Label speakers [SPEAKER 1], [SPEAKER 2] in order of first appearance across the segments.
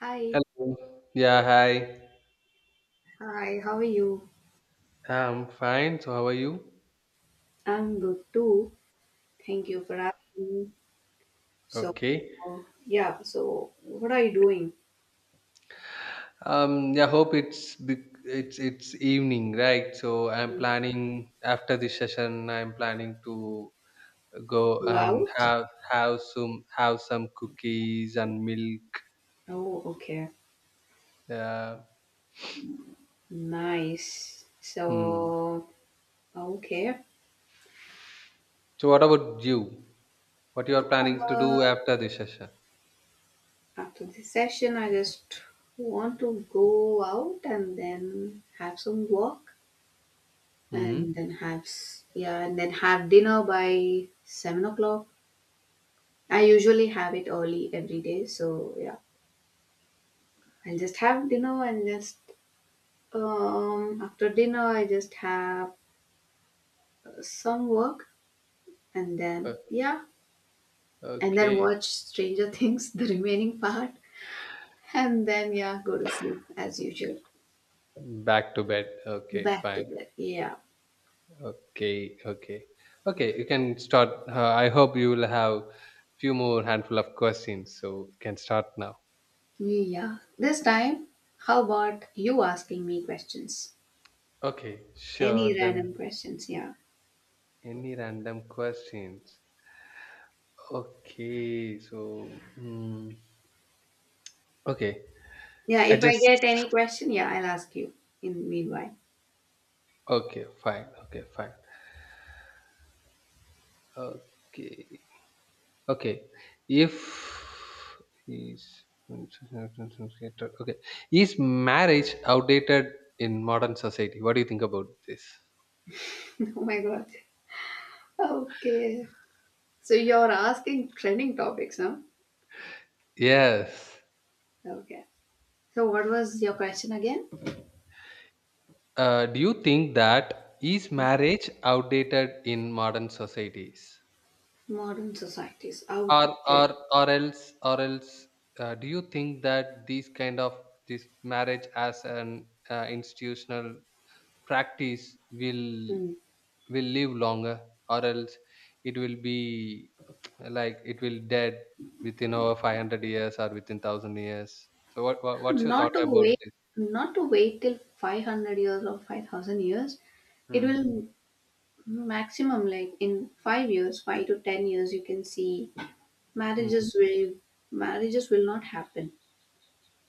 [SPEAKER 1] Hi,
[SPEAKER 2] Hello. Yeah, hi.
[SPEAKER 1] hi, how are you?
[SPEAKER 2] I'm fine. So how are you?
[SPEAKER 1] I'm good too. Thank you for asking. So,
[SPEAKER 2] Okay.
[SPEAKER 1] yeah, so what are you doing?
[SPEAKER 2] Yeah, hope it's be- it's evening, right? So I'm planning, after this session, I'm planning to go
[SPEAKER 1] You
[SPEAKER 2] and
[SPEAKER 1] out?
[SPEAKER 2] have some cookies and milk.
[SPEAKER 1] Oh, okay.
[SPEAKER 2] Uh,
[SPEAKER 1] Nice.
[SPEAKER 2] hmm.
[SPEAKER 1] So, okay.
[SPEAKER 2] So what about you? What you are planning to
[SPEAKER 1] Uh,
[SPEAKER 2] do after this session?
[SPEAKER 1] after this session, I just want to go out and then have some walk and
[SPEAKER 2] Hmm.
[SPEAKER 1] then have dinner by 7 o'clock. I usually have it early every day, so yeah. I'll just have dinner and just after dinner I just have some work, and then
[SPEAKER 2] O-
[SPEAKER 1] yeah, and then
[SPEAKER 2] Okay.
[SPEAKER 1] watch Stranger Things the remaining part, and then yeah, go to sleep as usual,
[SPEAKER 2] Back to bed. Okay,
[SPEAKER 1] back to
[SPEAKER 2] fine.
[SPEAKER 1] bed, yeah.
[SPEAKER 2] Okay, okay, okay. You can start. I hope you will have few more handful of questions, so you can start now.
[SPEAKER 1] Yeah, this time, how about you asking me questions?
[SPEAKER 2] Okay,
[SPEAKER 1] Any
[SPEAKER 2] sure.
[SPEAKER 1] random
[SPEAKER 2] Then
[SPEAKER 1] questions, yeah.
[SPEAKER 2] any random questions? Okay, so mm, okay.
[SPEAKER 1] Yeah,
[SPEAKER 2] I
[SPEAKER 1] if I
[SPEAKER 2] just
[SPEAKER 1] get any question, yeah, I'll ask you in meanwhile.
[SPEAKER 2] Okay, fine. Okay, fine. Okay, okay. If is okay, Is marriage outdated in modern society? What do you think about this?
[SPEAKER 1] Oh my god. Okay. So you're asking trending topics, huh?
[SPEAKER 2] Yes.
[SPEAKER 1] Okay. So, what was your question again?
[SPEAKER 2] Do you think that is marriage outdated in modern societies,
[SPEAKER 1] Modern society is outdated.
[SPEAKER 2] or else do you think that these kind of this marriage as an institutional practice will
[SPEAKER 1] Mm.
[SPEAKER 2] will live longer, or else it will be like it will dead within over 500 years or within 1,000 years? So what's your thought
[SPEAKER 1] Not to
[SPEAKER 2] about
[SPEAKER 1] wait,
[SPEAKER 2] this?
[SPEAKER 1] not to wait, till 500 years or 5000 years. It
[SPEAKER 2] Hmm.
[SPEAKER 1] will maximum, like in 5 years, 5 to 10 years, you can see
[SPEAKER 2] Hmm.
[SPEAKER 1] marriages will marriages will not happen,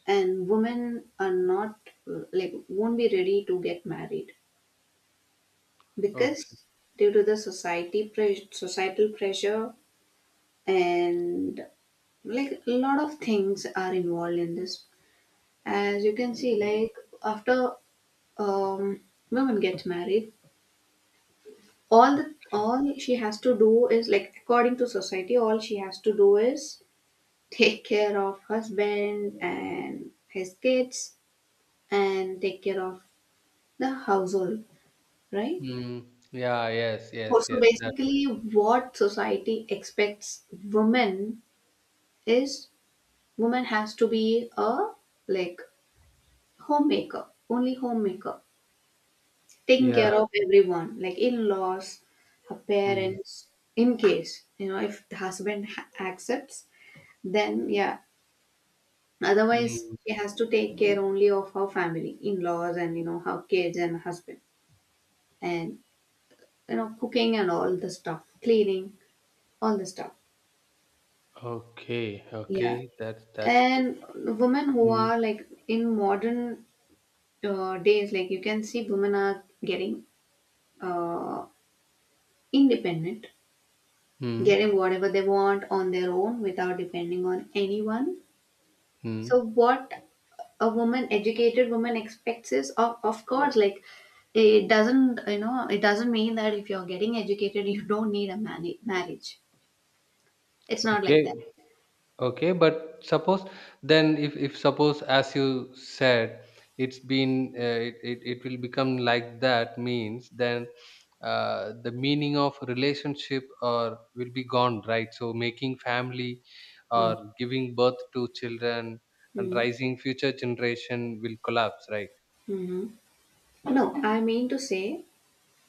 [SPEAKER 1] and women are not, like, won't be ready to get married,
[SPEAKER 2] Okay.
[SPEAKER 1] because due to the society pressure, societal pressure, and like a lot of things are involved in this, as you can see, like after um women get married, all the, all she has to do is, like, according to society, all she has to do is take care of husband and his kids and take care of the household, right?
[SPEAKER 2] Mm. Yeah, yes,
[SPEAKER 1] so
[SPEAKER 2] yes, yes.
[SPEAKER 1] so
[SPEAKER 2] That's
[SPEAKER 1] basically, what society expects women is, woman has to be a, like, homemaker, only homemaker, taking care
[SPEAKER 2] yeah.
[SPEAKER 1] of everyone, like in-laws, her
[SPEAKER 2] Mm.
[SPEAKER 1] parents. In case, you know, if the husband accepts, then yeah, otherwise
[SPEAKER 2] Mm.
[SPEAKER 1] she has to take care only of her family, in-laws, and, you know, her kids and husband, and, you know, cooking and all the stuff, cleaning, all the stuff,
[SPEAKER 2] Okay,
[SPEAKER 1] yeah.
[SPEAKER 2] okay. That's good.
[SPEAKER 1] And women who
[SPEAKER 2] Mm.
[SPEAKER 1] are, like, in modern days, like, you can see women are getting, uh, independent,
[SPEAKER 2] Mm.
[SPEAKER 1] getting whatever they want on their own without depending on anyone.
[SPEAKER 2] Mm.
[SPEAKER 1] So what a woman, educated woman, expects is, of course, like, it doesn't, you know, it doesn't mean that if you're getting educated you don't need a marriage. It's not
[SPEAKER 2] Okay.
[SPEAKER 1] like that.
[SPEAKER 2] Okay, but suppose, then if suppose, as you said, it's been it, it it will become like that means then, the meaning of relationship or will be gone, right? So making family, or
[SPEAKER 1] Mm.
[SPEAKER 2] giving birth to children and
[SPEAKER 1] Mm.
[SPEAKER 2] rising future generation, will collapse, right?
[SPEAKER 1] Hmm. No, I mean to say,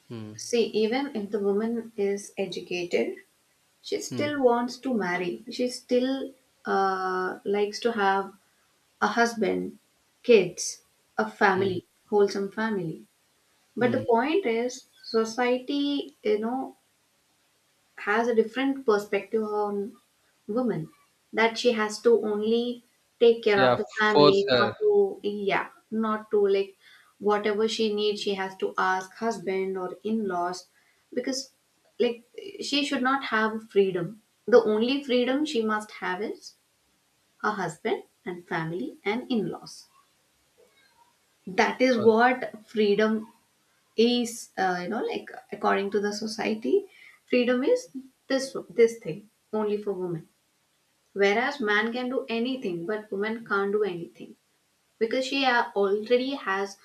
[SPEAKER 2] Hmm.
[SPEAKER 1] see, even if the woman is educated, she
[SPEAKER 2] Hmm.
[SPEAKER 1] still wants to marry. She still likes to have a husband, kids, a
[SPEAKER 2] Hmm.
[SPEAKER 1] family, wholesome family. But the
[SPEAKER 2] Hmm.
[SPEAKER 1] point is, society, you know, has a different perspective on women, that she has to only take care
[SPEAKER 2] Yeah,
[SPEAKER 1] of the
[SPEAKER 2] force
[SPEAKER 1] family,
[SPEAKER 2] her.
[SPEAKER 1] not to, yeah, not to, like, whatever she needs, she has to ask husband or in laws because, like, she should not have freedom. The only freedom she must have is her husband and family and in laws. That is
[SPEAKER 2] Uh,
[SPEAKER 1] what freedom is, you know, like, according to the society, freedom is this thing, only for women, whereas man can do anything but woman can't do anything, because she, already has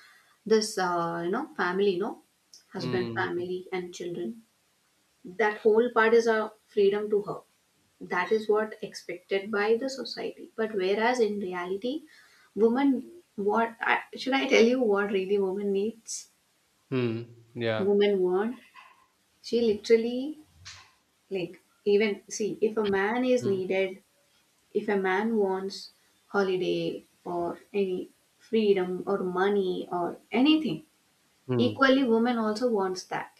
[SPEAKER 1] this, you know, family, no, husband,
[SPEAKER 2] hmm.
[SPEAKER 1] family, and children. That whole part is a freedom to her. That is what expected by the society, but whereas, in reality, woman, should I tell you what really woman needs,
[SPEAKER 2] Hmm. Yeah.
[SPEAKER 1] women want, she literally, like, even see, if a man is
[SPEAKER 2] Hmm.
[SPEAKER 1] needed, if a man wants holiday or any freedom or money or anything,
[SPEAKER 2] Hmm.
[SPEAKER 1] equally woman also wants that.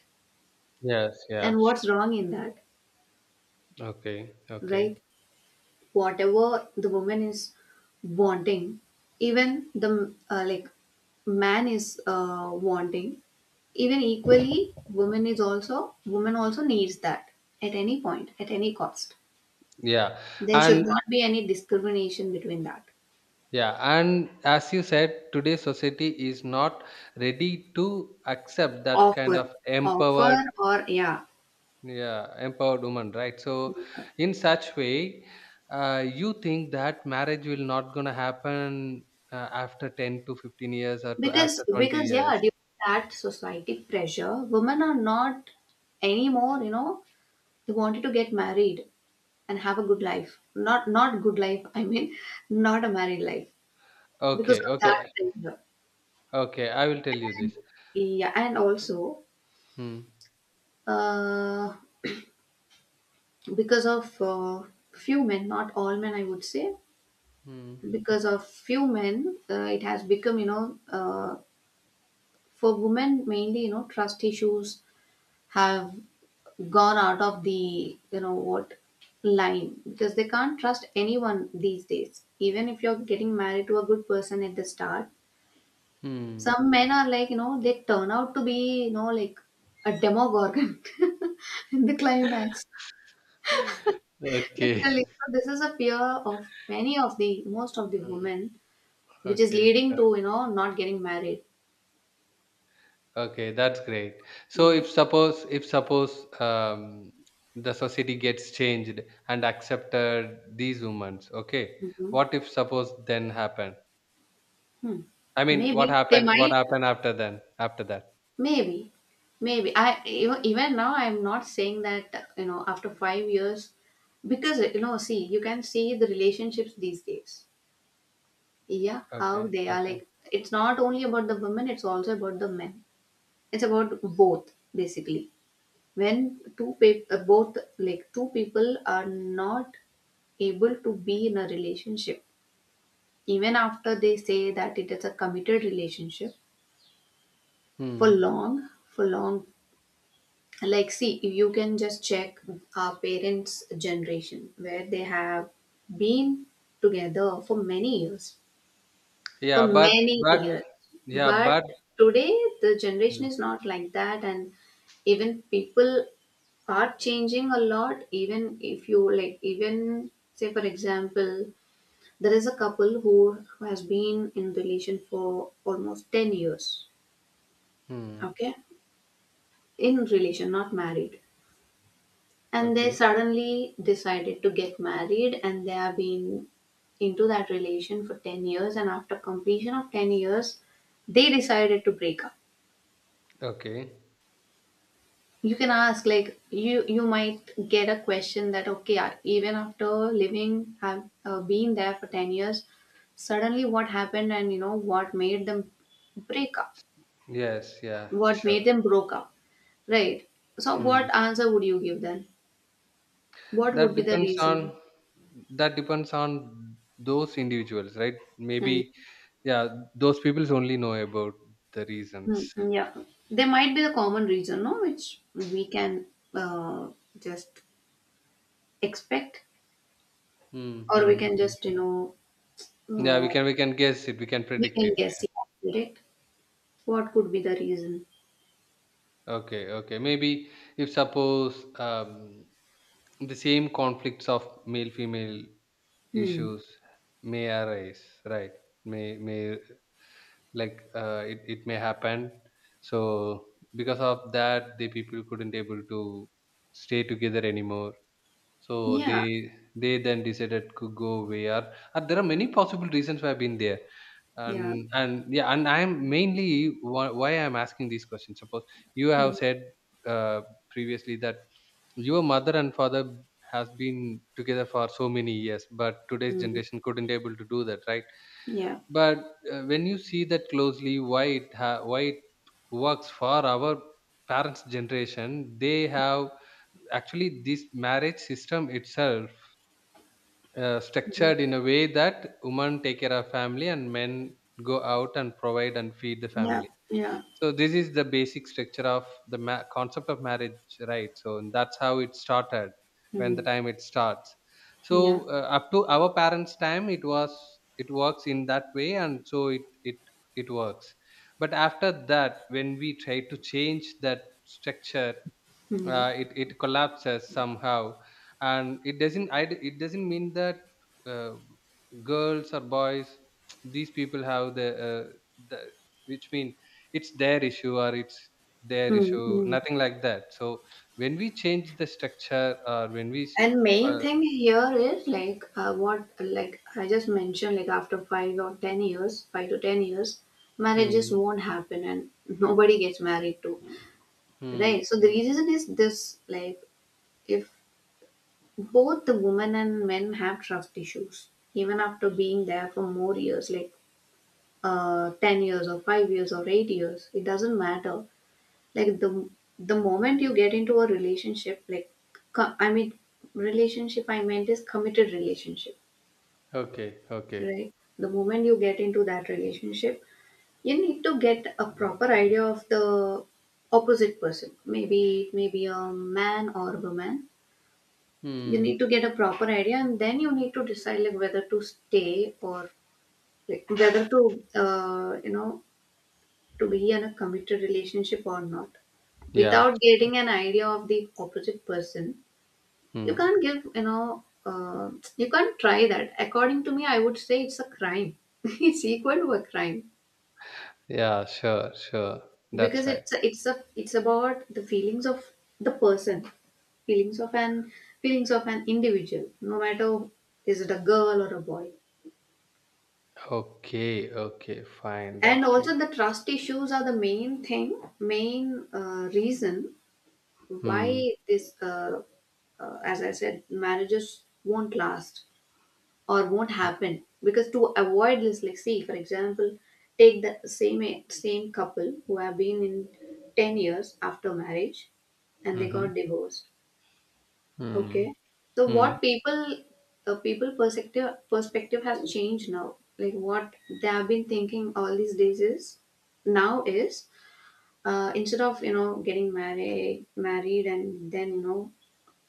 [SPEAKER 2] Yes, yeah.
[SPEAKER 1] And what's wrong in that,
[SPEAKER 2] Okay, okay.
[SPEAKER 1] right? Whatever the woman is wanting, even the, like, man is, wanting, even equally, woman also needs that, at any point, at any cost.
[SPEAKER 2] Yeah,
[SPEAKER 1] There should
[SPEAKER 2] and
[SPEAKER 1] not be any discrimination between that.
[SPEAKER 2] yeah, and as you said, today's society is not ready to accept that kind
[SPEAKER 1] Offer,
[SPEAKER 2] of
[SPEAKER 1] offer,
[SPEAKER 2] empowered,
[SPEAKER 1] or yeah,
[SPEAKER 2] yeah, empowered woman, right? So,
[SPEAKER 1] yeah.
[SPEAKER 2] in such way, you think that marriage will not gonna happen after 10 to 15 years, or to
[SPEAKER 1] Because
[SPEAKER 2] after twenty
[SPEAKER 1] because yeah,
[SPEAKER 2] years.
[SPEAKER 1] due to that society pressure, women are not anymore, you know. They wanted to get married and have a good life. Not good life, I mean, not a married life, because
[SPEAKER 2] Okay,
[SPEAKER 1] of that
[SPEAKER 2] okay,
[SPEAKER 1] pressure.
[SPEAKER 2] okay. I will tell you
[SPEAKER 1] And
[SPEAKER 2] this.
[SPEAKER 1] yeah, and also,
[SPEAKER 2] Hmm.
[SPEAKER 1] uh, because of, few men, not all men, I would say,
[SPEAKER 2] Hmm.
[SPEAKER 1] because of few men, it has become, you know, for women mainly, you know, trust issues have gone out of the, you know what, line, because they can't trust anyone these days, even if you're getting married to a good person at the start,
[SPEAKER 2] Hmm.
[SPEAKER 1] some men are, like, you know, they turn out to be, you know, like, a demogorgon in the climax,
[SPEAKER 2] Okay.
[SPEAKER 1] literally. So this is a fear of many of the, most of the
[SPEAKER 2] Hmm.
[SPEAKER 1] women, which is
[SPEAKER 2] Okay.
[SPEAKER 1] leading to,
[SPEAKER 2] Okay.
[SPEAKER 1] you know, not getting married,
[SPEAKER 2] Okay, that's great. So
[SPEAKER 1] yeah.
[SPEAKER 2] if suppose, if suppose, the society gets changed and accepted these women, okay,
[SPEAKER 1] Mhm.
[SPEAKER 2] what if suppose then happen?
[SPEAKER 1] Hmm.
[SPEAKER 2] I mean, what
[SPEAKER 1] Maybe they
[SPEAKER 2] happened? What
[SPEAKER 1] might,
[SPEAKER 2] happened after then? After that?
[SPEAKER 1] maybe, maybe. Even now I'm not saying that, you know, after 5 years, because, you know, see, you can see the relationships these days. Yeah, how
[SPEAKER 2] Okay,
[SPEAKER 1] they are,
[SPEAKER 2] okay.
[SPEAKER 1] like. It's not only about the women; it's also about the men. It's about both, basically. When both, like, two people are not able to be in a relationship, even after they say that it is a committed relationship, for
[SPEAKER 2] Hmm.
[SPEAKER 1] long, for long. Like, see, you can just check our parents' generation, where they have been together for many years, for
[SPEAKER 2] Yeah,
[SPEAKER 1] many
[SPEAKER 2] but
[SPEAKER 1] years.
[SPEAKER 2] yeah,
[SPEAKER 1] But
[SPEAKER 2] but.
[SPEAKER 1] today, the
[SPEAKER 2] Hmm.
[SPEAKER 1] generation is not like that, and even people are changing a lot. Even if you, like, even say, for example, there is a couple who has been in relation for almost 10 years,
[SPEAKER 2] Hmm.
[SPEAKER 1] okay, in relation, not married, and they
[SPEAKER 2] Okay.
[SPEAKER 1] suddenly decided to get married, and they have been into that relation for 10 years, and after completion of 10 years, they decided to break up.
[SPEAKER 2] Okay.
[SPEAKER 1] You can ask, like, you might get a question that, okay, even after living, have, been there for 10 years, suddenly what happened, and, you know, what made them break up,
[SPEAKER 2] Yes. Yeah.
[SPEAKER 1] what
[SPEAKER 2] Sure.
[SPEAKER 1] made them broke up, right? So
[SPEAKER 2] Hmm.
[SPEAKER 1] what answer would you give then? What would
[SPEAKER 2] That
[SPEAKER 1] be the
[SPEAKER 2] depends
[SPEAKER 1] reason?
[SPEAKER 2] on that depends on those individuals, right?
[SPEAKER 1] Hmm.
[SPEAKER 2] Maybe, yeah, those peoples only know about the
[SPEAKER 1] Mm,
[SPEAKER 2] reasons.
[SPEAKER 1] mm, yeah, there might be the common reason, no, which we can, uh, just expect, or we
[SPEAKER 2] Mm-hmm.
[SPEAKER 1] can just, you
[SPEAKER 2] Yeah, we
[SPEAKER 1] know,
[SPEAKER 2] can we can guess it. We can
[SPEAKER 1] we
[SPEAKER 2] predict it.
[SPEAKER 1] can guess
[SPEAKER 2] Yeah.
[SPEAKER 1] it, predict what could be the reason.
[SPEAKER 2] Okay, okay. Maybe if suppose, the same conflicts of male female
[SPEAKER 1] Hmm.
[SPEAKER 2] issues may arise, right? May like, it may happen, so because of that the people couldn't able to stay together anymore, so they
[SPEAKER 1] Yeah.
[SPEAKER 2] they then decided to go where, and there are many possible reasons why I've been there.
[SPEAKER 1] Yeah.
[SPEAKER 2] And yeah, and I'm mainly, why I'm asking these questions, suppose you have
[SPEAKER 1] Mm,
[SPEAKER 2] said, uh, previously, that your mother and father has been together for so many years, but today's
[SPEAKER 1] mm,
[SPEAKER 2] generation couldn't able to do that, right?
[SPEAKER 1] yeah.
[SPEAKER 2] But, when you see that closely, why it works for our parents generation, they have actually this marriage system itself,
[SPEAKER 1] Mhm.
[SPEAKER 2] structured in a way that women take care of family and men go out and provide and feed the
[SPEAKER 1] Yeah.
[SPEAKER 2] family.
[SPEAKER 1] Yeah.
[SPEAKER 2] So this is the basic structure of the concept of marriage, right? So, and that's how it started, when the
[SPEAKER 1] Mm,
[SPEAKER 2] time it starts.
[SPEAKER 1] yeah.
[SPEAKER 2] So, up to our parents time it was, it works in that way, and so it works. But after that, when we try to change that structure,
[SPEAKER 1] Mm,
[SPEAKER 2] it collapses somehow. And it doesn't mean that, uh, girls or boys, these people have the, the which mean it's their issue, or it's their
[SPEAKER 1] mm,
[SPEAKER 2] issue,
[SPEAKER 1] mm.
[SPEAKER 2] nothing like that. So when we change the structure, or
[SPEAKER 1] And main
[SPEAKER 2] uh,
[SPEAKER 1] thing here is, like, what, like I just mentioned, like after 5 or 10 years, 5 to 10 years,
[SPEAKER 2] hmm,
[SPEAKER 1] marriages won't happen, and nobody gets married to,
[SPEAKER 2] hmm,
[SPEAKER 1] right? So the
[SPEAKER 2] hmm.
[SPEAKER 1] reason is this, like, if both the women and men have trust issues even after being there for more years, like, 10 years or 5 years or 8 years, it doesn't matter. Like, the moment you get into a relationship, like, I mean, relationship, I meant, is committed relationship,
[SPEAKER 2] Okay, okay.
[SPEAKER 1] right? The moment you get into that relationship, you need to get a proper idea of the opposite person, maybe, it may be a man or woman. You
[SPEAKER 2] Hmm.
[SPEAKER 1] need to get a proper idea and then you need to decide, like whether to stay, or like whether to, you know, to be in a committed relationship or not,
[SPEAKER 2] Yeah.
[SPEAKER 1] without getting an idea of the opposite person. You
[SPEAKER 2] Hmm.
[SPEAKER 1] can't give, you know, you can't try that. According to me, I would say it's a crime, it's equal to a crime,
[SPEAKER 2] Yeah, sure, sure, that's
[SPEAKER 1] because
[SPEAKER 2] right.
[SPEAKER 1] it's about the feelings of the person, feelings of an feelings of an individual, no matter is it a girl or a boy.
[SPEAKER 2] Okay, okay, fine,
[SPEAKER 1] And
[SPEAKER 2] that's
[SPEAKER 1] also,
[SPEAKER 2] great.
[SPEAKER 1] the trust issues are the main thing, main, reason why
[SPEAKER 2] Hmm.
[SPEAKER 1] this, as I said, marriages won't last or won't happen, because, to avoid this, like, see, for example, take the same couple who have been in 10 years after marriage and
[SPEAKER 2] Hmm,
[SPEAKER 1] they
[SPEAKER 2] hmm.
[SPEAKER 1] got divorced.
[SPEAKER 2] Hmm.
[SPEAKER 1] Okay. So
[SPEAKER 2] Hmm.
[SPEAKER 1] what people, people, perspective has changed now. Like what they have been thinking all these days is now is, instead of, you know, getting married and then, you know,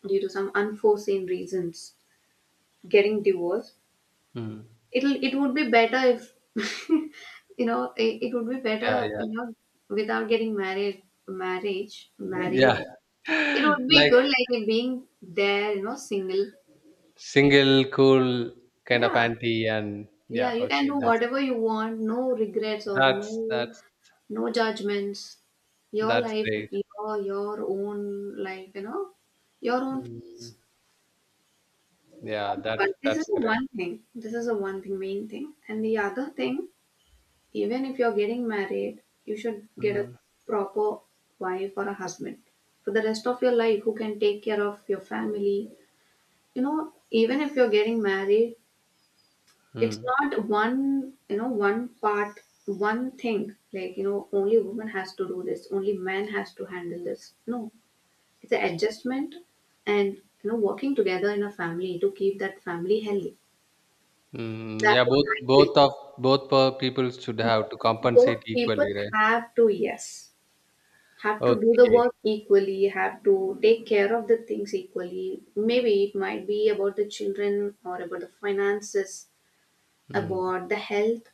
[SPEAKER 1] due to some unforeseen reasons, getting divorced,
[SPEAKER 2] Mm.
[SPEAKER 1] it would be better, if you know, it would be better,
[SPEAKER 2] Yeah, yeah,
[SPEAKER 1] you know, without getting married, marriage,
[SPEAKER 2] yeah.
[SPEAKER 1] married, it would be
[SPEAKER 2] Like
[SPEAKER 1] good, like being there, you know, single,
[SPEAKER 2] single, cool kind of
[SPEAKER 1] yeah.
[SPEAKER 2] auntie, and
[SPEAKER 1] Yeah,
[SPEAKER 2] yeah,
[SPEAKER 1] you can
[SPEAKER 2] okay,
[SPEAKER 1] do whatever you want, no regrets or
[SPEAKER 2] that's
[SPEAKER 1] no
[SPEAKER 2] that's
[SPEAKER 1] no judgments. Your
[SPEAKER 2] that's
[SPEAKER 1] life,
[SPEAKER 2] great.
[SPEAKER 1] your own life, you know, your own thing.
[SPEAKER 2] Mm, yeah,
[SPEAKER 1] But this
[SPEAKER 2] that's
[SPEAKER 1] is the
[SPEAKER 2] correct.
[SPEAKER 1] one thing. This is the one thing, main thing. And the other thing, even if you're getting married, you should get a
[SPEAKER 2] Mm,
[SPEAKER 1] proper wife or a husband for the rest of your life who can take care of your family. You know, even if you're getting married, it's
[SPEAKER 2] mm,
[SPEAKER 1] not one one part one thing like only woman has to do this, only man has to handle this. No, it's an adjustment, and working together in a family to keep that family healthy.
[SPEAKER 2] mm.
[SPEAKER 1] That's
[SPEAKER 2] Yeah,
[SPEAKER 1] what
[SPEAKER 2] both,
[SPEAKER 1] I feel.
[SPEAKER 2] both of both per people should
[SPEAKER 1] Both,
[SPEAKER 2] have to compensate
[SPEAKER 1] both people
[SPEAKER 2] equally, right?
[SPEAKER 1] have to, yes, have to do the
[SPEAKER 2] Okay.
[SPEAKER 1] work equally, have to take care of the things equally. Maybe it might be about the children or about the finances,
[SPEAKER 2] Mm,
[SPEAKER 1] about the health,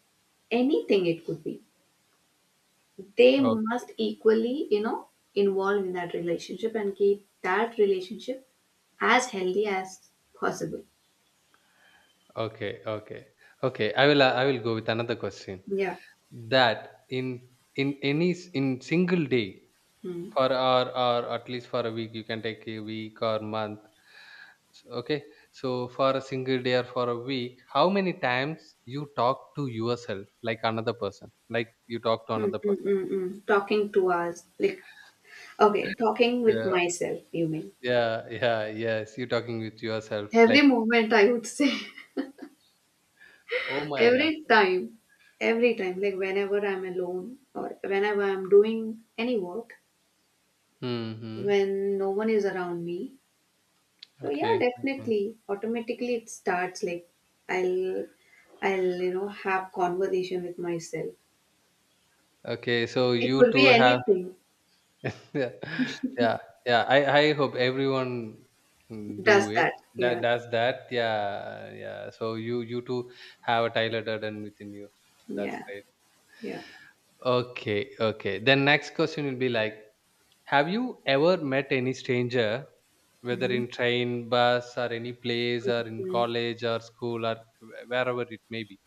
[SPEAKER 1] anything it could be. They
[SPEAKER 2] okay.
[SPEAKER 1] must equally, involve in that relationship and keep that relationship as healthy as possible.
[SPEAKER 2] Okay. Okay. Okay. I will go with another question.
[SPEAKER 1] Yeah.
[SPEAKER 2] That in, in single day,
[SPEAKER 1] mm.
[SPEAKER 2] for, or at least for a week, you can take a week or month. Okay, so for a single day or for a week, how many times you talk to yourself like another person, like you talk to another person?
[SPEAKER 1] Mm. Talking to us like, okay, talking with
[SPEAKER 2] Yeah,
[SPEAKER 1] myself, you mean?
[SPEAKER 2] yeah, yeah, yes, you talking with yourself,
[SPEAKER 1] Every
[SPEAKER 2] like,
[SPEAKER 1] moment, I would say.
[SPEAKER 2] oh my god.
[SPEAKER 1] Every time, every time, like whenever I'm alone or whenever I'm doing any work,
[SPEAKER 2] Mm-hmm.
[SPEAKER 1] when no one is around me. So yeah,
[SPEAKER 2] Okay, okay,
[SPEAKER 1] definitely. Automatically it starts like I'll I'll have conversation with myself.
[SPEAKER 2] okay. So
[SPEAKER 1] It
[SPEAKER 2] you
[SPEAKER 1] could
[SPEAKER 2] two
[SPEAKER 1] be
[SPEAKER 2] have,
[SPEAKER 1] anything.
[SPEAKER 2] yeah, yeah, yeah, I hope everyone,
[SPEAKER 1] Does
[SPEAKER 2] do it,
[SPEAKER 1] that?
[SPEAKER 2] that
[SPEAKER 1] Yeah.
[SPEAKER 2] does that, yeah, yeah. So you too have a Tyler Durden within you. That's
[SPEAKER 1] Yeah.
[SPEAKER 2] great.
[SPEAKER 1] Yeah.
[SPEAKER 2] Okay, okay. Then next question will be like, have you ever met any stranger, whether
[SPEAKER 1] Mm-hmm.
[SPEAKER 2] in train, bus, or any place, or in
[SPEAKER 1] Mm-hmm.
[SPEAKER 2] college or school, or wherever it may be?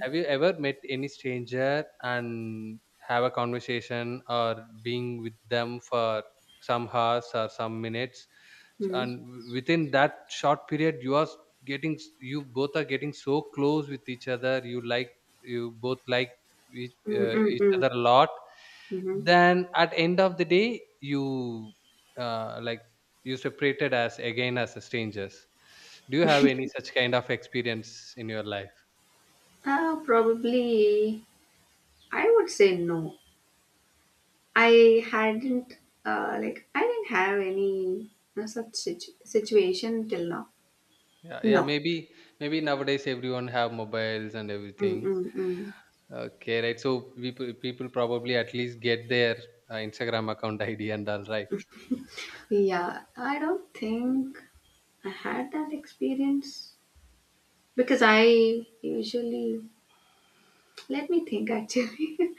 [SPEAKER 2] Have you ever met any stranger, and have a conversation or being with them for some hours or some minutes?
[SPEAKER 1] Mm-hmm.
[SPEAKER 2] And within that short period, you are getting, you both are getting so close with each other. You like, you both like each,
[SPEAKER 1] Mm-hmm.
[SPEAKER 2] uh, each
[SPEAKER 1] Mm-hmm.
[SPEAKER 2] other a lot.
[SPEAKER 1] Mm-hmm.
[SPEAKER 2] Then at end of the day, you, like, you separated as, again, as strangers. Do you have any such kind of experience in your life?
[SPEAKER 1] Probably I would say no. I hadn't, like I didn't have any, such situation till now.
[SPEAKER 2] Yeah, yeah,
[SPEAKER 1] No.
[SPEAKER 2] maybe, maybe nowadays everyone have mobiles and everything.
[SPEAKER 1] Mm-mm-mm.
[SPEAKER 2] Okay, right. So people, people probably at least get their, Instagram account ID and all, right?
[SPEAKER 1] Yeah, I don't think. I had that experience because I usually, let me think actually.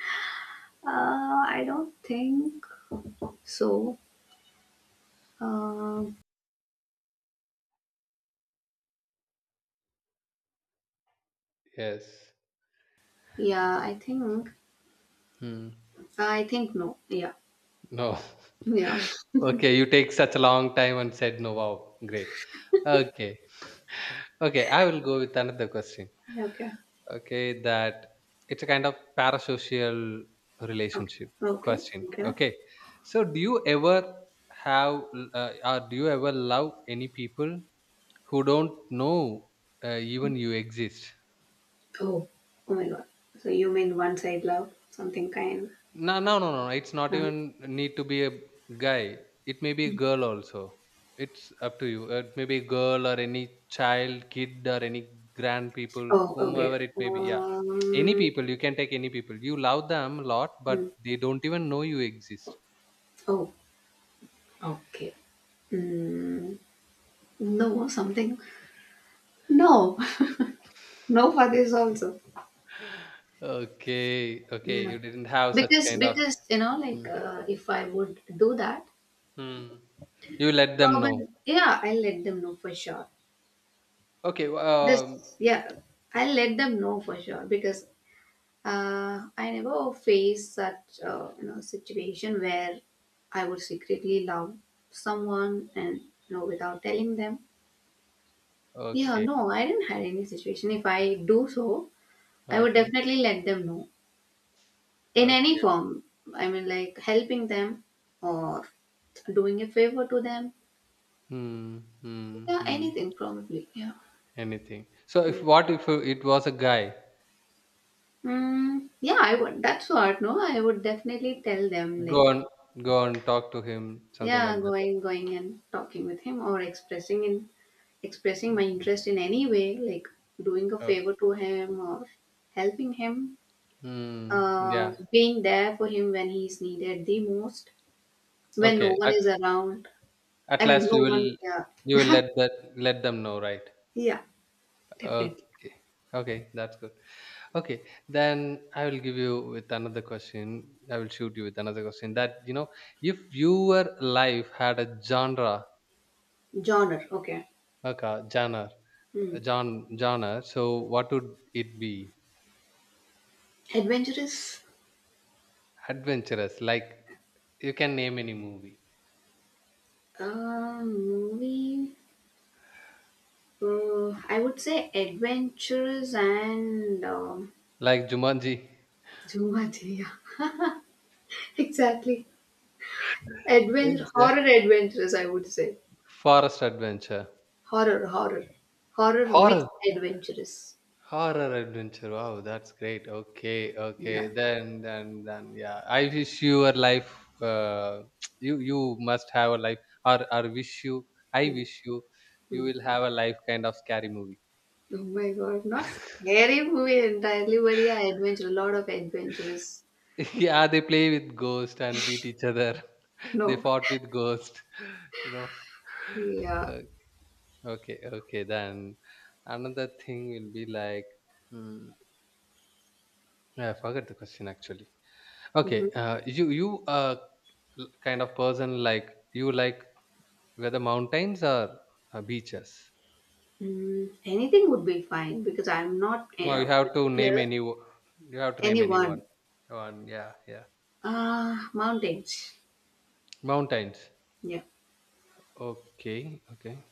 [SPEAKER 1] I don't think so. Uh,
[SPEAKER 2] Yes.
[SPEAKER 1] yeah, I think.
[SPEAKER 2] Hmm.
[SPEAKER 1] I think no. Yeah.
[SPEAKER 2] No.
[SPEAKER 1] Yeah.
[SPEAKER 2] Okay, you take such a long time and said no. Wow, great. Okay. Okay, I will go with another question.
[SPEAKER 1] Okay.
[SPEAKER 2] Okay, that it's a kind of parasocial
[SPEAKER 1] Okay.
[SPEAKER 2] relationship
[SPEAKER 1] Okay.
[SPEAKER 2] question.
[SPEAKER 1] Okay.
[SPEAKER 2] Okay, so do you ever have, or do you ever love any people who don't know, even you exist?
[SPEAKER 1] Oh. Oh my god. So you mean one side love, something kind.
[SPEAKER 2] No, no, no, no, no. It's not
[SPEAKER 1] Uh,
[SPEAKER 2] even need to be a guy. It may be a
[SPEAKER 1] Mm.
[SPEAKER 2] girl also. It's up to you. It may be a girl or any child, kid, or any grand people,
[SPEAKER 1] Oh, okay.
[SPEAKER 2] whomever it may be. Yeah, any people. You can take any people. You love them a lot, but
[SPEAKER 1] Hmm.
[SPEAKER 2] they don't even know you exist.
[SPEAKER 1] Oh, okay. Mm, no, something. No, no for this also.
[SPEAKER 2] Okay, okay. You
[SPEAKER 1] Yeah,
[SPEAKER 2] didn't have such kind of.
[SPEAKER 1] because
[SPEAKER 2] Hmm.
[SPEAKER 1] like if I would do that,
[SPEAKER 2] Hmm. You let them
[SPEAKER 1] probably
[SPEAKER 2] know.
[SPEAKER 1] yeah, I'll let them know for sure.
[SPEAKER 2] Okay.
[SPEAKER 1] This, yeah, I'll let them know for sure because, I never faced such, situation where I would secretly love someone and without telling them. Yeah,
[SPEAKER 2] Okay.
[SPEAKER 1] no, I didn't had any situation. If I do so, I would
[SPEAKER 2] Okay.
[SPEAKER 1] definitely let them know in any
[SPEAKER 2] Okay.
[SPEAKER 1] form. I mean, like helping them or doing a favor to them.
[SPEAKER 2] Hmm. Hmm.
[SPEAKER 1] Yeah,
[SPEAKER 2] Hmm.
[SPEAKER 1] anything probably. Yeah.
[SPEAKER 2] Anything. So if,
[SPEAKER 1] Yeah.
[SPEAKER 2] what if it was a guy?
[SPEAKER 1] Mm, yeah, I would. That's what. No, I would definitely tell them
[SPEAKER 2] Go
[SPEAKER 1] like,
[SPEAKER 2] on, go on, talk to him, something
[SPEAKER 1] yeah,
[SPEAKER 2] like that.
[SPEAKER 1] going and talking with him or expressing my
[SPEAKER 2] Right?
[SPEAKER 1] interest in any way, like doing a
[SPEAKER 2] Oh,
[SPEAKER 1] favor to him or helping him,
[SPEAKER 2] mm, yeah.
[SPEAKER 1] being there for him when he's needed the most, when no
[SPEAKER 2] Okay.
[SPEAKER 1] one is around.
[SPEAKER 2] At
[SPEAKER 1] I mean,
[SPEAKER 2] last,
[SPEAKER 1] no
[SPEAKER 2] you will,
[SPEAKER 1] one. Yeah.
[SPEAKER 2] you will let that, let them know, right?
[SPEAKER 1] Yeah,
[SPEAKER 2] Okay.
[SPEAKER 1] definitely.
[SPEAKER 2] Okay, that's good. Okay, then I will give you with another question. I will shoot you with another question. That, you know, if your life had a genre,
[SPEAKER 1] Genre. Okay.
[SPEAKER 2] okay, genre,
[SPEAKER 1] Hmm.
[SPEAKER 2] genre, so what would it be?
[SPEAKER 1] Adventurous.
[SPEAKER 2] Adventurous, like you can name any movie.
[SPEAKER 1] Movie. I would say adventurous and
[SPEAKER 2] Like Jumanji.
[SPEAKER 1] too much. Yeah, exactly. Adventure, horror,
[SPEAKER 2] Exactly.
[SPEAKER 1] adventurous, I would say.
[SPEAKER 2] Forest Adventure.
[SPEAKER 1] Horror, horror. Horror
[SPEAKER 2] Horror.
[SPEAKER 1] mixed adventurous.
[SPEAKER 2] Horror adventure. Wow, that's great. Okay, okay.
[SPEAKER 1] Yeah.
[SPEAKER 2] Then yeah. I wish your life, uh, you must have a life, or wish you, I
[SPEAKER 1] Mm,
[SPEAKER 2] wish you you
[SPEAKER 1] mm.
[SPEAKER 2] will have a life kind of scary movie.
[SPEAKER 1] Oh my god, not scary movie entirely, but yeah, adventure, a lot of adventurous.
[SPEAKER 2] Yeah, they play with ghost and beat each other. They
[SPEAKER 1] No.
[SPEAKER 2] fought with ghost, you know.
[SPEAKER 1] Yeah.
[SPEAKER 2] Uh, Okay, okay. Then another thing will be like, hmm, I forgot the question actually.
[SPEAKER 1] Mhm.
[SPEAKER 2] Okay, you kind of person, like, you like whether mountains or beaches.
[SPEAKER 1] Mm, anything would be fine because I'm not
[SPEAKER 2] No, you have to name
[SPEAKER 1] particular.
[SPEAKER 2] any. You have to name anyone.
[SPEAKER 1] Anyone.
[SPEAKER 2] One, yeah, yeah.
[SPEAKER 1] Mountains.
[SPEAKER 2] Mountains.
[SPEAKER 1] Yeah.
[SPEAKER 2] Okay, okay.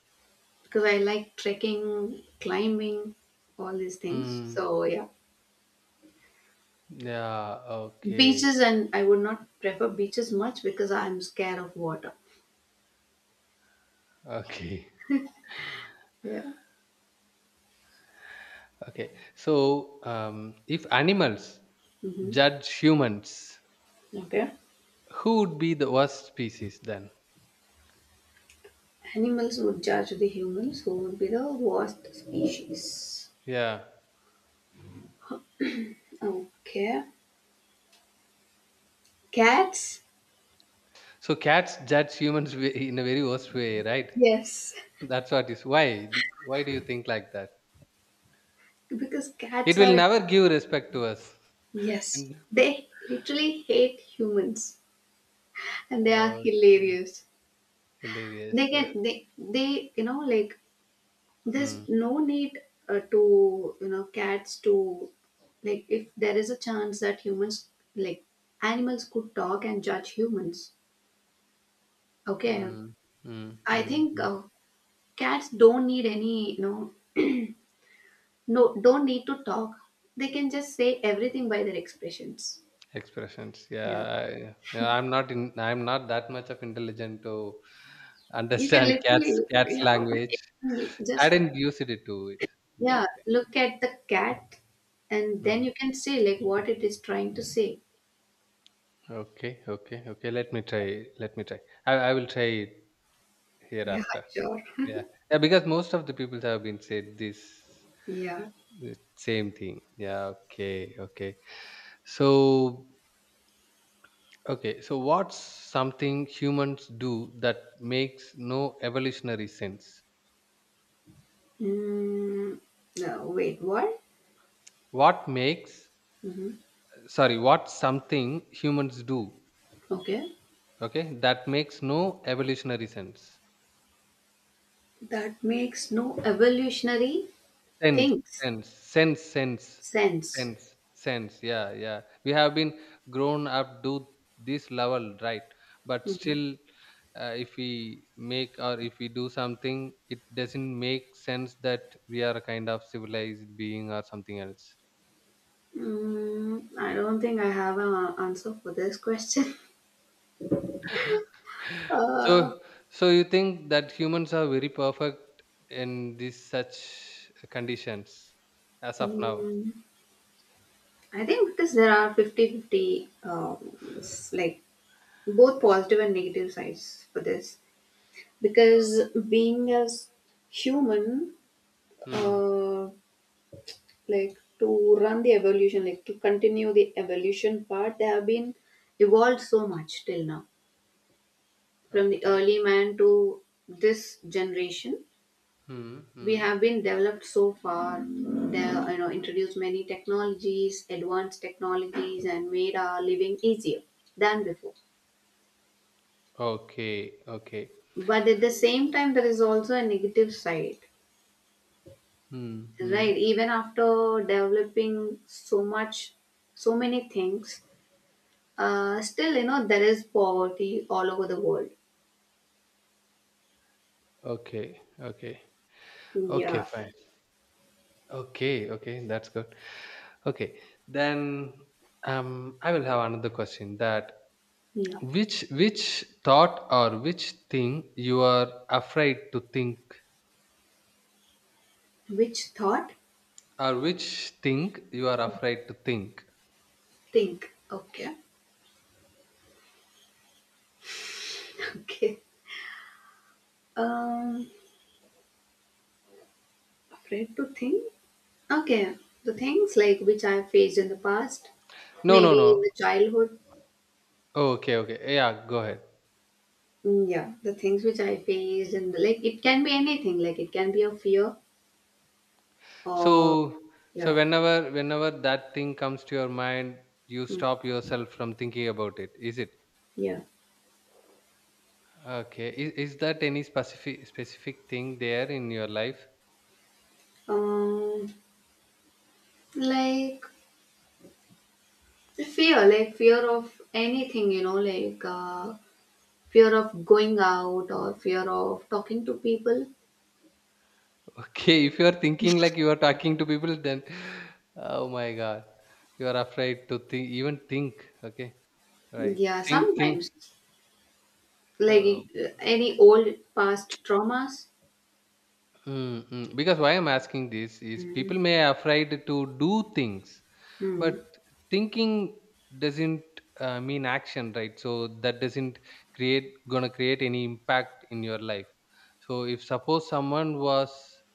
[SPEAKER 1] Because I like trekking, climbing, all these things.
[SPEAKER 2] Hmm.
[SPEAKER 1] So yeah,
[SPEAKER 2] Yeah. Okay.
[SPEAKER 1] beaches, and I would not prefer beaches much because I'm scared of water.
[SPEAKER 2] Okay.
[SPEAKER 1] Yeah.
[SPEAKER 2] Okay. So, if animals
[SPEAKER 1] Hmm.
[SPEAKER 2] judge humans,
[SPEAKER 1] Okay.
[SPEAKER 2] who would be the worst species then?
[SPEAKER 1] Animals would judge the humans, who would be the worst species.
[SPEAKER 2] Yeah.
[SPEAKER 1] Okay. Cats?
[SPEAKER 2] So cats judge humans in a very worst way, right?
[SPEAKER 1] Yes.
[SPEAKER 2] That's what is. Why? Why do you think like that?
[SPEAKER 1] Because
[SPEAKER 2] It
[SPEAKER 1] cats
[SPEAKER 2] will
[SPEAKER 1] are,
[SPEAKER 2] never give respect to us.
[SPEAKER 1] yes,
[SPEAKER 2] And
[SPEAKER 1] they literally hate humans and they are
[SPEAKER 2] okay,
[SPEAKER 1] hilarious. They
[SPEAKER 2] hilarious.
[SPEAKER 1] can, they, like,
[SPEAKER 2] Hmm,
[SPEAKER 1] there's no need, to you know cats to, like, if there is a chance that humans, like, animals could talk and judge humans, okay,
[SPEAKER 2] hmm, hmm,
[SPEAKER 1] I
[SPEAKER 2] hmm,
[SPEAKER 1] think,
[SPEAKER 2] hmm.
[SPEAKER 1] cats don't need any, no, don't need to talk. They can just say everything by their expressions.
[SPEAKER 2] Expressions. Yeah,
[SPEAKER 1] Yeah,
[SPEAKER 2] yeah. I'm not in. I'm not that much of intelligent to
[SPEAKER 1] you can
[SPEAKER 2] understand cats.
[SPEAKER 1] literally,
[SPEAKER 2] Cats
[SPEAKER 1] yeah, but
[SPEAKER 2] language.
[SPEAKER 1] if you
[SPEAKER 2] I
[SPEAKER 1] just,
[SPEAKER 2] didn't use it to it. Yeah,
[SPEAKER 1] yeah,
[SPEAKER 2] okay.
[SPEAKER 1] look at the cat and then
[SPEAKER 2] Hmm.
[SPEAKER 1] you can say like what it is trying to say.
[SPEAKER 2] Okay, okay, okay. Let me try. Let me try. I will try it
[SPEAKER 1] Yeah,
[SPEAKER 2] hereafter.
[SPEAKER 1] sure.
[SPEAKER 2] Yeah, yeah. Because most of the people have been said this,
[SPEAKER 1] Yeah.
[SPEAKER 2] this same thing. Yeah. Okay. Okay. So okay. So what's something humans do that makes no evolutionary sense?
[SPEAKER 1] Mm, no, wait, what?
[SPEAKER 2] What makes,
[SPEAKER 1] Hmm.
[SPEAKER 2] sorry? What's something humans do?
[SPEAKER 1] Okay.
[SPEAKER 2] Okay, that makes no evolutionary sense.
[SPEAKER 1] That makes no evolutionary
[SPEAKER 2] Sense,
[SPEAKER 1] things
[SPEAKER 2] sense, sense, sense,
[SPEAKER 1] sense.
[SPEAKER 2] sense, sense. Yeah, yeah. We have been grown up to this level, right? But
[SPEAKER 1] Hmm.
[SPEAKER 2] still, if we make, or if we do something, it doesn't make sense that we are a kind of civilized being or something else.
[SPEAKER 1] Mm, I don't think I have an answer for this question. Uh,
[SPEAKER 2] So, so you think that humans are very perfect in these such conditions as of now?
[SPEAKER 1] mm, I think because there are fifty-fifty, like both positive and negative sides for this. Because being as human,
[SPEAKER 2] Hmm.
[SPEAKER 1] uh, like to continue the evolution part, they have been evolved so much till now, from the
[SPEAKER 2] Okay.
[SPEAKER 1] early man to this generation.
[SPEAKER 2] Hmm.
[SPEAKER 1] We
[SPEAKER 2] Hmm.
[SPEAKER 1] have been developed so far. They, introduced many technologies, advanced technologies, and made our living easier than before.
[SPEAKER 2] Okay. Okay.
[SPEAKER 1] But at the same time, there is also a negative side,
[SPEAKER 2] Hmm. Hmm.
[SPEAKER 1] right? Even after developing so much, so many things. Still, you know, there is poverty all over the world.
[SPEAKER 2] Okay, okay. Okay,
[SPEAKER 1] Yeah,
[SPEAKER 2] fine. Okay, okay, that's good. Okay. Then, I will have another question, that
[SPEAKER 1] yeah.
[SPEAKER 2] which thought or which thing you are afraid to think,
[SPEAKER 1] Which thought?
[SPEAKER 2] or which thing you are afraid to think?
[SPEAKER 1] Think. Okay, okay. Um, afraid to think? Okay, the things like which I faced in the past,
[SPEAKER 2] No, no,
[SPEAKER 1] maybe
[SPEAKER 2] no.
[SPEAKER 1] in the childhood.
[SPEAKER 2] Okay, okay. Yeah, go ahead.
[SPEAKER 1] Mm, yeah, the things which I faced, and like it can be anything. Like it can be a fear or,
[SPEAKER 2] So, so
[SPEAKER 1] yeah,
[SPEAKER 2] whenever, whenever that thing comes to your mind, you
[SPEAKER 1] mm,
[SPEAKER 2] stop yourself from thinking about it. Is it?
[SPEAKER 1] yeah.
[SPEAKER 2] Okay. Is that any specific thing there in your life?
[SPEAKER 1] Um, like like fear of anything. You know, like fear of going out or fear of talking to people.
[SPEAKER 2] Okay, if you are thinking like you are talking to people, then, oh my god, you are afraid to think, even think. Okay, right?
[SPEAKER 1] Yeah,
[SPEAKER 2] Think, think.
[SPEAKER 1] sometimes,
[SPEAKER 2] Oh.
[SPEAKER 1] like, any old past traumas.
[SPEAKER 2] Mm, mm. Because why I'm asking this is, people
[SPEAKER 1] Mhm.
[SPEAKER 2] may afraid to do things, but
[SPEAKER 1] Mhm.
[SPEAKER 2] thinking doesn't, mean action, right? So that doesn't create, gonna create any impact in your life. So if suppose someone was,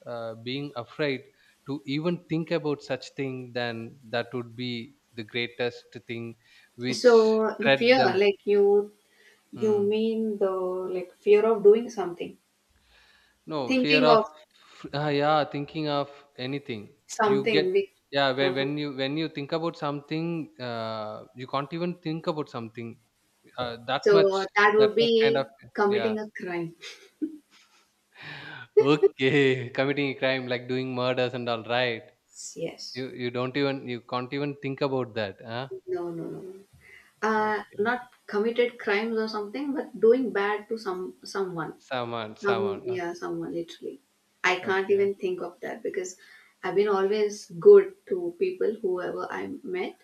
[SPEAKER 2] being afraid to even think about such thing, then that would be the greatest thing
[SPEAKER 1] So
[SPEAKER 2] which
[SPEAKER 1] the
[SPEAKER 2] threat
[SPEAKER 1] fear,
[SPEAKER 2] them.
[SPEAKER 1] like, you
[SPEAKER 2] Mm.
[SPEAKER 1] mean the, like, fear of doing something,
[SPEAKER 2] No, fear
[SPEAKER 1] thinking
[SPEAKER 2] of,
[SPEAKER 1] of
[SPEAKER 2] yeah, thinking of anything. You get,
[SPEAKER 1] something big.
[SPEAKER 2] yeah, when
[SPEAKER 1] Uh-huh.
[SPEAKER 2] when you when you think about something, you can't even think about something, uh, that much
[SPEAKER 1] So, that
[SPEAKER 2] that
[SPEAKER 1] would
[SPEAKER 2] much kind of,
[SPEAKER 1] be
[SPEAKER 2] yeah.
[SPEAKER 1] committing a crime.
[SPEAKER 2] Okay, committing a crime, like doing murders and all, right.
[SPEAKER 1] Yes.
[SPEAKER 2] You don't even, you can't even think about that, huh?
[SPEAKER 1] No no no no. uh
[SPEAKER 2] Okay.
[SPEAKER 1] not committed crimes or something, but doing bad to some, someone.
[SPEAKER 2] Someone, someone.
[SPEAKER 1] Some,
[SPEAKER 2] Okay,
[SPEAKER 1] yeah, someone literally. I can't
[SPEAKER 2] okay.
[SPEAKER 1] even think of that because I've been always good to people, whoever I met.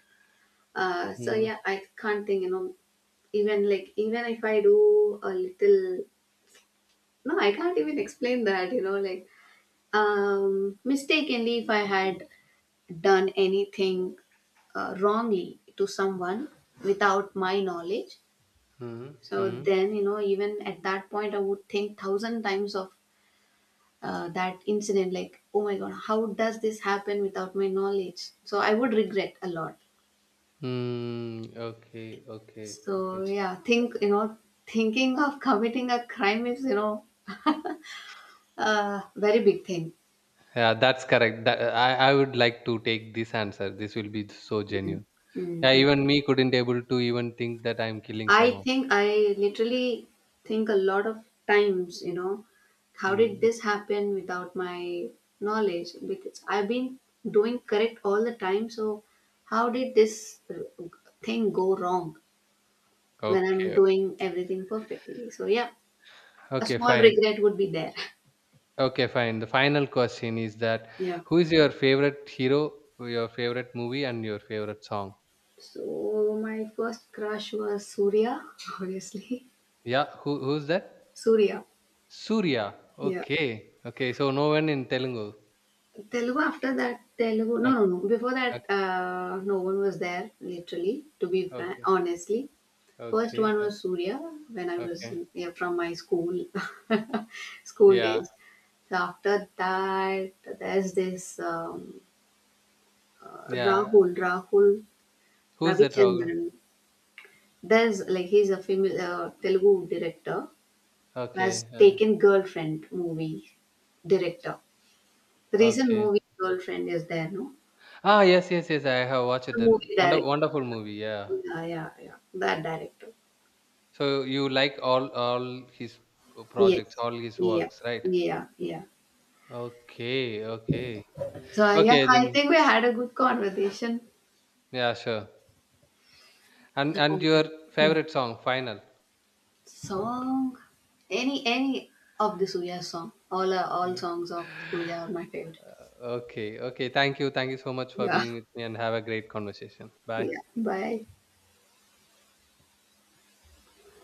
[SPEAKER 1] So
[SPEAKER 2] Hmm,
[SPEAKER 1] yeah, I can't think, you know, even like, even if I do a little, no, I can't even explain that, you know, like, mistakenly, if I had done anything wrongly to someone without my knowledge,
[SPEAKER 2] hmm,
[SPEAKER 1] so
[SPEAKER 2] hmm.
[SPEAKER 1] then, you know, even at that point, I would think thousand times of, that incident, like, oh my god, how does this happen without my knowledge? So I would regret a lot.
[SPEAKER 2] Hmm. Okay, okay,
[SPEAKER 1] So
[SPEAKER 2] okay.
[SPEAKER 1] yeah, think, you know, thinking of committing a crime is, you know, a very big thing.
[SPEAKER 2] Yeah, that's correct. That, I would like to take this answer. This will be so
[SPEAKER 1] Mm,
[SPEAKER 2] genuine.
[SPEAKER 1] mm,
[SPEAKER 2] Yeah,
[SPEAKER 1] mm.
[SPEAKER 2] even me couldn't able to even think that I'm killing
[SPEAKER 1] I
[SPEAKER 2] someone.
[SPEAKER 1] think I literally think a lot of times, you know, how did
[SPEAKER 2] Hmm.
[SPEAKER 1] this happen without my knowledge, because I've been doing correct all the time. So how did this, thing go wrong when I'm
[SPEAKER 2] Okay.
[SPEAKER 1] doing everything perfectly. So yeah, a
[SPEAKER 2] Okay,
[SPEAKER 1] small
[SPEAKER 2] fine.
[SPEAKER 1] regret would be there.
[SPEAKER 2] Okay, fine. The final question is that,
[SPEAKER 1] Yeah.
[SPEAKER 2] who is your favorite hero, your favorite movie, and your favorite song?
[SPEAKER 1] So my first crush was Surya, obviously.
[SPEAKER 2] Yeah, who's that?
[SPEAKER 1] Surya.
[SPEAKER 2] Surya.
[SPEAKER 1] Yeah.
[SPEAKER 2] Okay. Okay. So no one in Telugu.
[SPEAKER 1] Telugu after that. Telugu, no
[SPEAKER 2] Okay.
[SPEAKER 1] no no before that, no one was there literally, to be frank,
[SPEAKER 2] Okay.
[SPEAKER 1] honestly. First
[SPEAKER 2] Okay.
[SPEAKER 1] one
[SPEAKER 2] Okay.
[SPEAKER 1] was Surya when I was,
[SPEAKER 2] Okay.
[SPEAKER 1] yeah, from my school, school
[SPEAKER 2] Yeah.
[SPEAKER 1] days. So after that, there's this, um, uh,
[SPEAKER 2] Yeah.
[SPEAKER 1] Rahul Rahul
[SPEAKER 2] Who's that Rahul?
[SPEAKER 1] Ravichandran. There's like, he's a famous, Telugu director who has
[SPEAKER 2] Okay. Okay.
[SPEAKER 1] taken Girlfriend movie. Director. The recent
[SPEAKER 2] Okay.
[SPEAKER 1] movie Girlfriend is there, no?
[SPEAKER 2] Ah, yes, yes, yes. I have watched
[SPEAKER 1] The
[SPEAKER 2] that
[SPEAKER 1] movie director.
[SPEAKER 2] wonderful movie. Yeah.
[SPEAKER 1] Yeah, yeah, yeah. That director.
[SPEAKER 2] So you like all his projects,
[SPEAKER 1] Yes.
[SPEAKER 2] all his
[SPEAKER 1] Yeah.
[SPEAKER 2] works, right?
[SPEAKER 1] Yeah. Yeah.
[SPEAKER 2] Okay, okay,
[SPEAKER 1] So yeah,
[SPEAKER 2] okay.
[SPEAKER 1] I
[SPEAKER 2] Then
[SPEAKER 1] think we had a good conversation.
[SPEAKER 2] yeah, sure. And your
[SPEAKER 1] Alright. Hmm.
[SPEAKER 2] favorite song, final.
[SPEAKER 1] Song. Any of the Suya song. All are, all
[SPEAKER 2] Any.
[SPEAKER 1] songs of Suya are my favorite.
[SPEAKER 2] Okay, okay. Thank you so much for
[SPEAKER 1] Yeah.
[SPEAKER 2] being with me, and have a great conversation. Bye.
[SPEAKER 1] Yeah. Bye.